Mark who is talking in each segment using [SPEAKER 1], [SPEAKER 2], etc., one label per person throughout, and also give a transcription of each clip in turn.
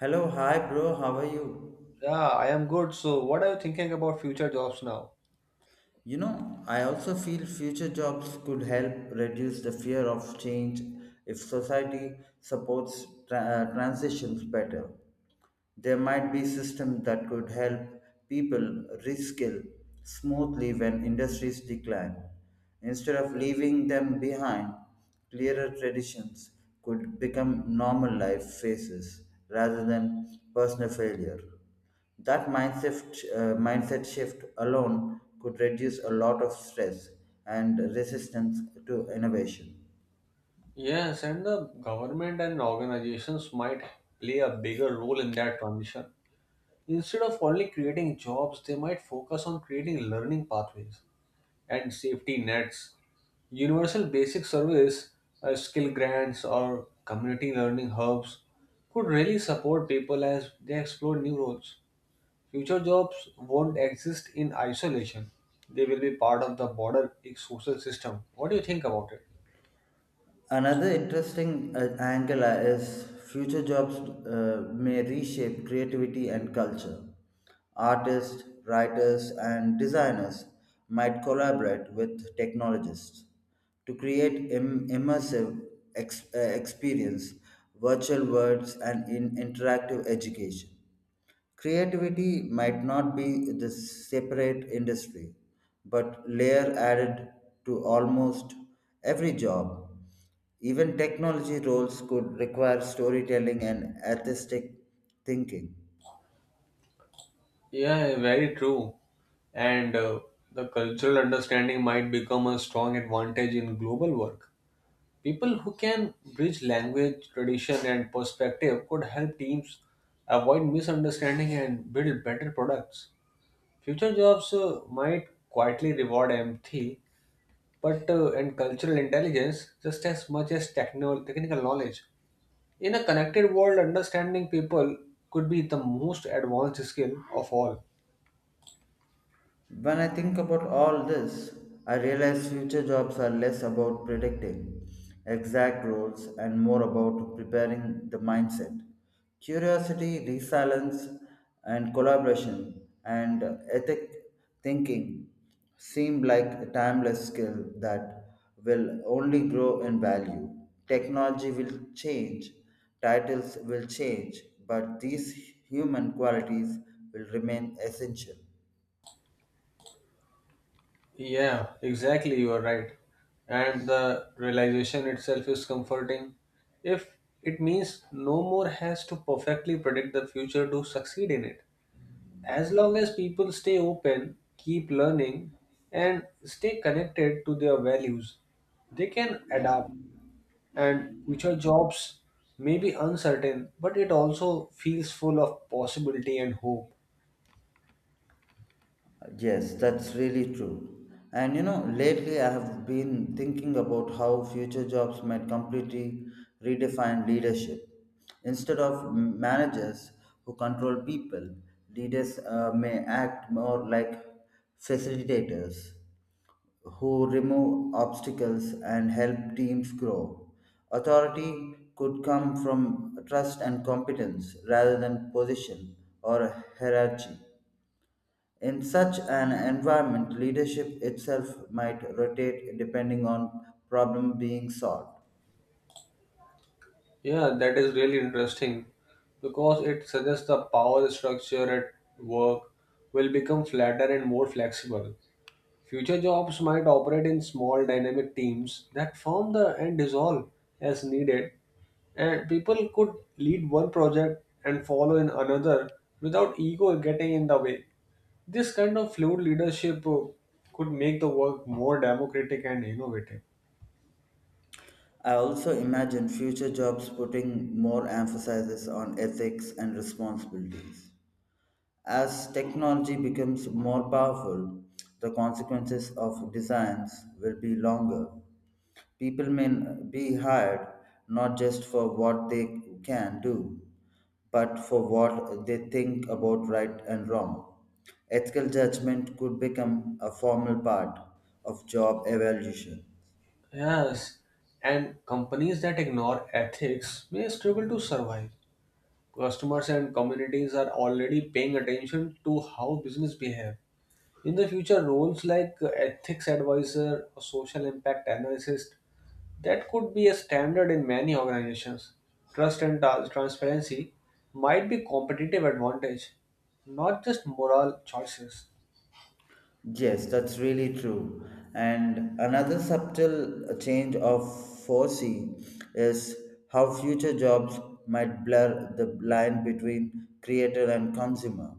[SPEAKER 1] Hello, hi bro, how are you?
[SPEAKER 2] Yeah, I am good. So, what are you thinking about future jobs now?
[SPEAKER 1] You know, I also feel future jobs could help reduce the fear of change if society supports transitions better. There might be systems that could help people reskill smoothly when industries decline. Instead of leaving them behind, clearer traditions could become normal life phases rather than personal failure. That mindset shift alone could reduce a lot of stress and resistance to innovation.
[SPEAKER 2] Yes, and the government and organizations might play a bigger role in that transition. Instead of only creating jobs, they might focus on creating learning pathways and safety nets, universal basic service, skill grants, or community learning hubs could really support people as they explore new roles. Future jobs won't exist in isolation. They will be part of the broader social system. What do you think about it?
[SPEAKER 1] Another interesting angle is future jobs may reshape creativity and culture. Artists, writers, and designers might collaborate with technologists to create immersive experience, virtual worlds, and in interactive education. Creativity might not be the separate industry, but layer added to almost every job. Even technology roles could require storytelling and artistic thinking.
[SPEAKER 2] Yeah, very true. And the cultural understanding might become a strong advantage in global work. People who can bridge language, tradition, and perspective could help teams avoid misunderstanding and build better products. Future jobs might quietly reward empathy but and cultural intelligence just as much as technical knowledge. In a connected world, understanding people could be the most advanced skill of all.
[SPEAKER 1] When I think about all this, I realize future jobs are less about predicting exact roles and more about preparing the mindset. Curiosity, resilience, and collaboration and ethic thinking seem like a timeless skill that will only grow in value. Technology will change, titles will change, but these human qualities will remain essential.
[SPEAKER 2] Yeah, exactly, you are right. And the realization itself is comforting. If it means no more has to perfectly predict the future to succeed in it. As long as people stay open, keep learning, and stay connected to their values, they can adapt and future jobs may be uncertain, but it also feels full of possibility and hope.
[SPEAKER 1] Yes, that's really true. And you know, lately I have been thinking about how future jobs might completely redefine leadership. Instead of managers who control people, leaders may act more like facilitators who remove obstacles and help teams grow. Authority could come from trust and competence rather than position or hierarchy. In such an environment, leadership itself might rotate depending on problem being solved.
[SPEAKER 2] Yeah, that is really interesting because it suggests the power structure at work will become flatter and more flexible. Future jobs might operate in small dynamic teams that form the and dissolve as needed, and people could lead one project and follow in another without ego getting in the way. This kind of fluid leadership could make the work more democratic and innovative.
[SPEAKER 1] I also imagine future jobs putting more emphasis on ethics and responsibilities. As technology becomes more powerful, the consequences of designs will be longer. People may be hired not just for what they can do, but for what they think about right and wrong. Ethical judgment could become a formal part of job evaluation.
[SPEAKER 2] Yes, and companies that ignore ethics may struggle to survive. Customers and communities are already paying attention to how business behave. In the future, roles like ethics advisor or social impact analyst that could be a standard in many organizations. Trust and transparency might be competitive advantage, not just moral choices.
[SPEAKER 1] Yes, that's really true. And another subtle change of foresee is how future jobs might blur the line between creator and consumer.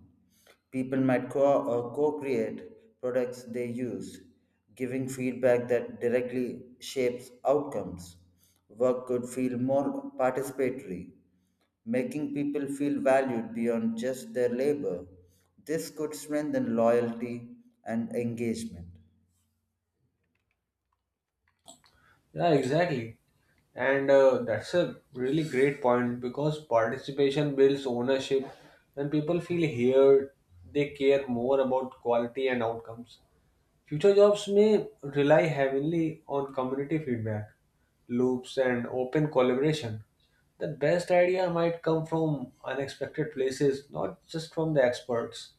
[SPEAKER 1] People might co create products they use, giving feedback that directly shapes outcomes. Work could feel more participatory, making people feel valued beyond just their labor. This could strengthen loyalty and engagement.
[SPEAKER 2] Yeah, exactly. And that's a really great point because participation builds ownership. When people feel heard, they care more about quality and outcomes. Future jobs may rely heavily on community feedback, loops, and open collaboration. The best idea might come from unexpected places, not just from the experts.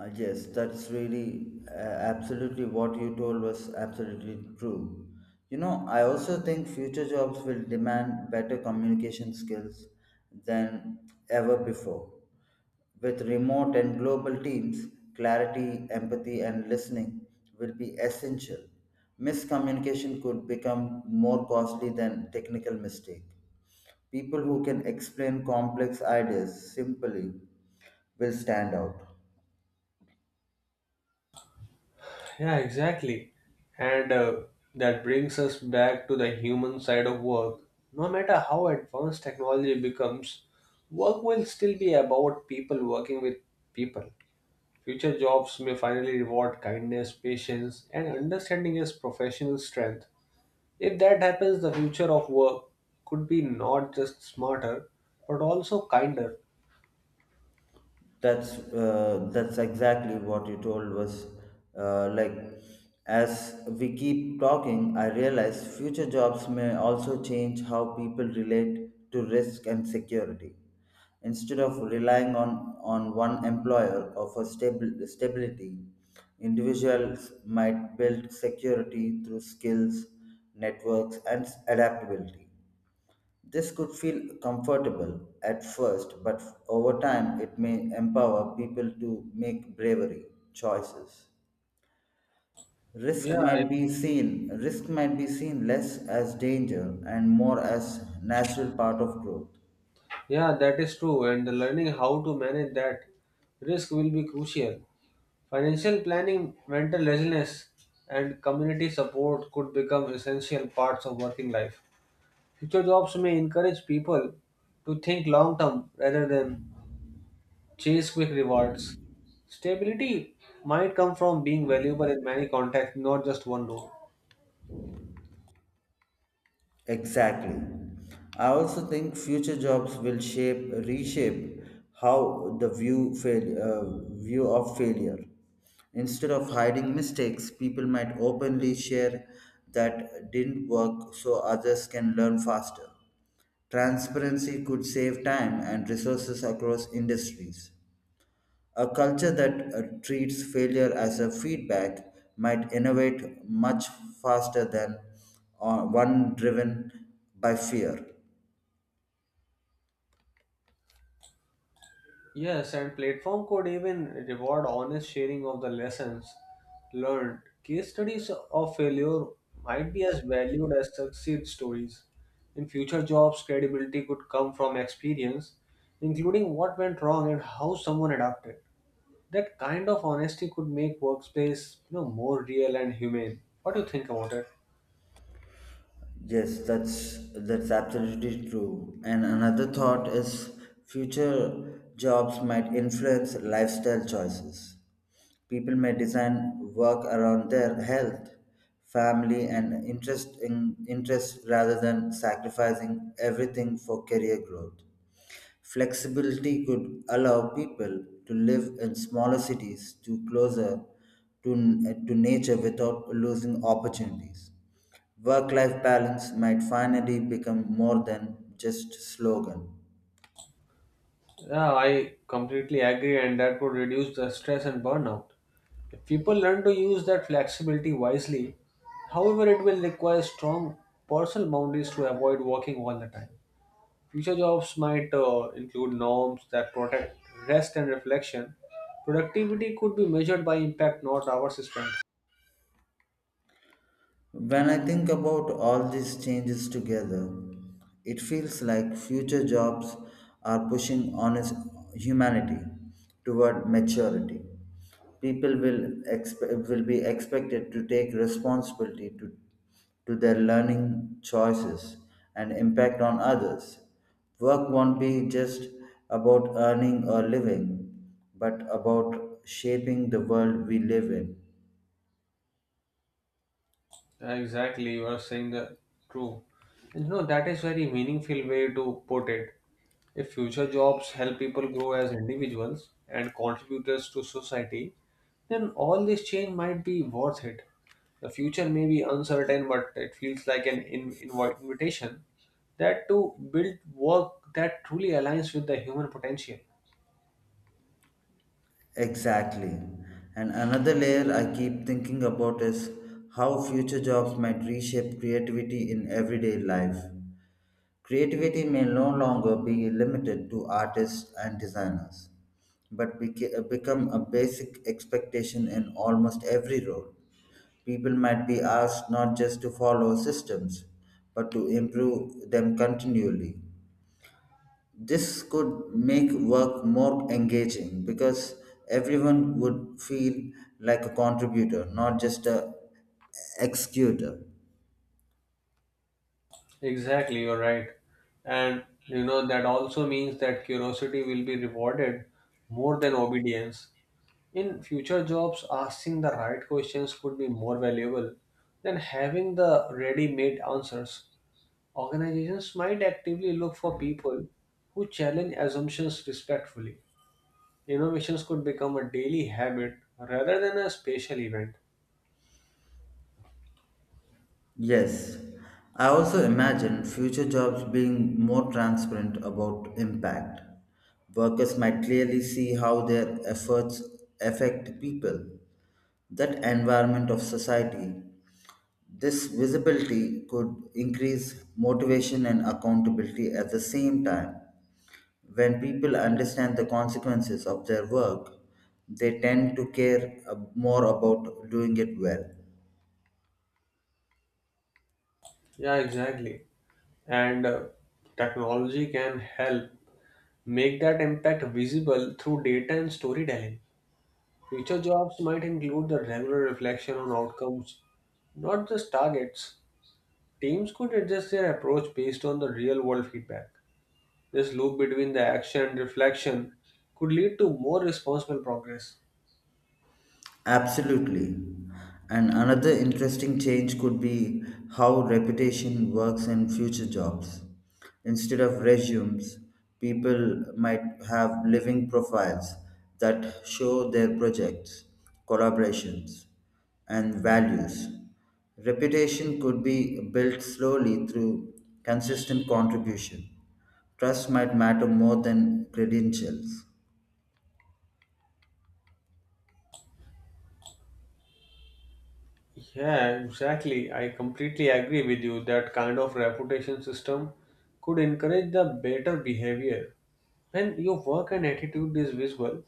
[SPEAKER 1] Yes, that's really absolutely what you told was absolutely true. You know, I also think future jobs will demand better communication skills than ever before. With remote and global teams, clarity, empathy, and listening will be essential. Miscommunication could become more costly than technical mistake. People who can explain complex ideas simply will stand out.
[SPEAKER 2] Yeah, exactly. And that brings us back to the human side of work. No matter how advanced technology becomes, work will still be about people working with people. Future jobs may finally reward kindness, patience, and understanding as professional strength. If that happens, the future of work could be not just smarter, but also kinder.
[SPEAKER 1] That's exactly what you told was like, as we keep talking I realize future jobs may also change how people relate to risk and security instead of relying on one employer or for stable stability. Individuals might build security through skills, networks, and adaptability. This could feel comfortable at first, but over time it may empower people to make bravery choices.
[SPEAKER 2] Yeah, I-
[SPEAKER 1] Risk might be seen less as danger and more as natural part of growth.
[SPEAKER 2] yeah, that is true. And learning how to manage that risk will be crucial. Financial planning, mental resilience, and community support could become essential parts of working life. Future jobs may encourage people to think long term rather than chase quick rewards. Stability might come from being valuable in many contexts, not just one role.
[SPEAKER 1] Exactly. I also think future jobs will shape reshape how the view of failure. Instead of hiding mistakes, people might openly share that didn't work so others can learn faster. Transparency could save time and resources across industries. A culture that treats failure as a feedback might innovate much faster than one driven by fear.
[SPEAKER 2] Yes, and platform could even reward honest sharing of the lessons learned. Case studies of failure might be as valued as success stories. In future jobs, credibility could come from experience, including what went wrong and how someone adapted. That kind of honesty could make workspace, you know, more real and humane. What do you think about it?
[SPEAKER 1] Yes, that's absolutely true. And another thought is future jobs might influence lifestyle choices. People may design work around their health, family, and interest rather than sacrificing everything for career growth. Flexibility could allow people to live in smaller cities to closer to nature without losing opportunities. Work life balance might finally become more than just slogan.
[SPEAKER 2] Yeah, I completely agree, and that would reduce the stress and burnout. If people learn to use that flexibility wisely, however, it will require strong personal boundaries to avoid working all the time. Future jobs might include norms that protect rest and reflection. Productivity could be measured by impact, not hours spent.
[SPEAKER 1] When I think about all these changes together, it feels like future jobs are pushing honest humanity toward maturity. People will, will be expected to take responsibility to their learning choices and impact on others. Work won't be just about earning or living, but about shaping the world we live in.
[SPEAKER 2] Exactly, you are saying the true. And you know, that is very meaningful way to put it. If future jobs help people grow as individuals and contributors to society, then all this change might be worth it. The future may be uncertain, but it feels like an in, invite invitation that to build work that truly aligns with the human potential.
[SPEAKER 1] Exactly. And another layer I keep thinking about is how future jobs might reshape creativity in everyday life. Creativity may no longer be limited to artists and designers, but become a basic expectation in almost every role. People might be asked not just to follow systems, but to improve them continually. This could make work more engaging because everyone would feel like a contributor, not just a executor.
[SPEAKER 2] Exactly, you're right. And you know, that also means that curiosity will be rewarded more than obedience. In future jobs, asking the right questions could be more valuable than having the ready made answers. Organizations might actively look for people who challenge assumptions respectfully. Innovations could become a daily habit rather than a special event.
[SPEAKER 1] Yes, I also imagine future jobs being more transparent about impact. Workers might clearly see how their efforts affect people, that environment of society. This visibility could increase motivation and accountability at the same time. When people understand the consequences of their work, they tend to care more about doing it well.
[SPEAKER 2] Yeah, exactly. And technology can help make that impact visible through data and storytelling. Future jobs might include the regular reflection on outcomes, not just targets. Teams could adjust their approach based on the real world feedback. This loop between the action and reflection could lead to more responsible progress.
[SPEAKER 1] Absolutely. And another interesting change could be how reputation works in future jobs. Instead of resumes, people might have living profiles that show their projects, collaborations, and values. Reputation could be built slowly through consistent contribution. Trust might matter more than credentials.
[SPEAKER 2] Yeah, exactly. I completely agree with you that kind of reputation system could encourage the better behavior. When your work and attitude is visible,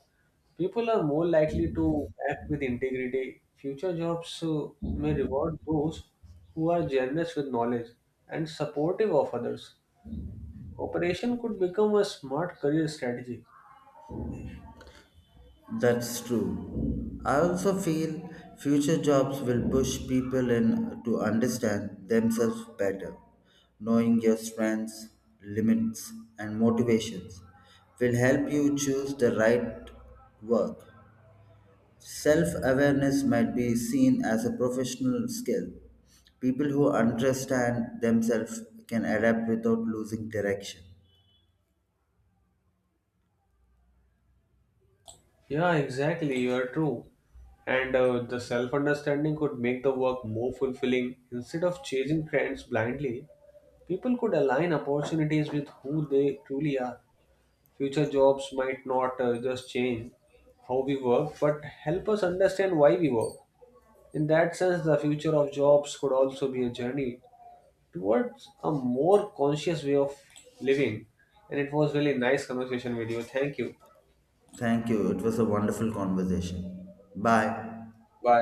[SPEAKER 2] people are more likely to act with integrity. Future jobs may reward those who are generous with knowledge and supportive of others. Cooperation could become a smart career strategy.
[SPEAKER 1] That's true. I also feel future jobs will push people in to understand themselves better. Knowing your strengths, limits, and motivations will help you choose the right work. Self awareness might be seen as a professional skill. People who understand themselves can adapt without losing direction.
[SPEAKER 2] Yeah, exactly. You are true. And the self understanding could make the work more fulfilling. Instead of chasing trends blindly, people could align opportunities with who they truly are. Future jobs might not just change how we work, but help us understand why we work. In that sense, the future of jobs could also be a journey towards a more conscious way of living. And it was really nice conversation with you. Thank you.
[SPEAKER 1] Thank you. It was a wonderful conversation. Bye.
[SPEAKER 2] Bye.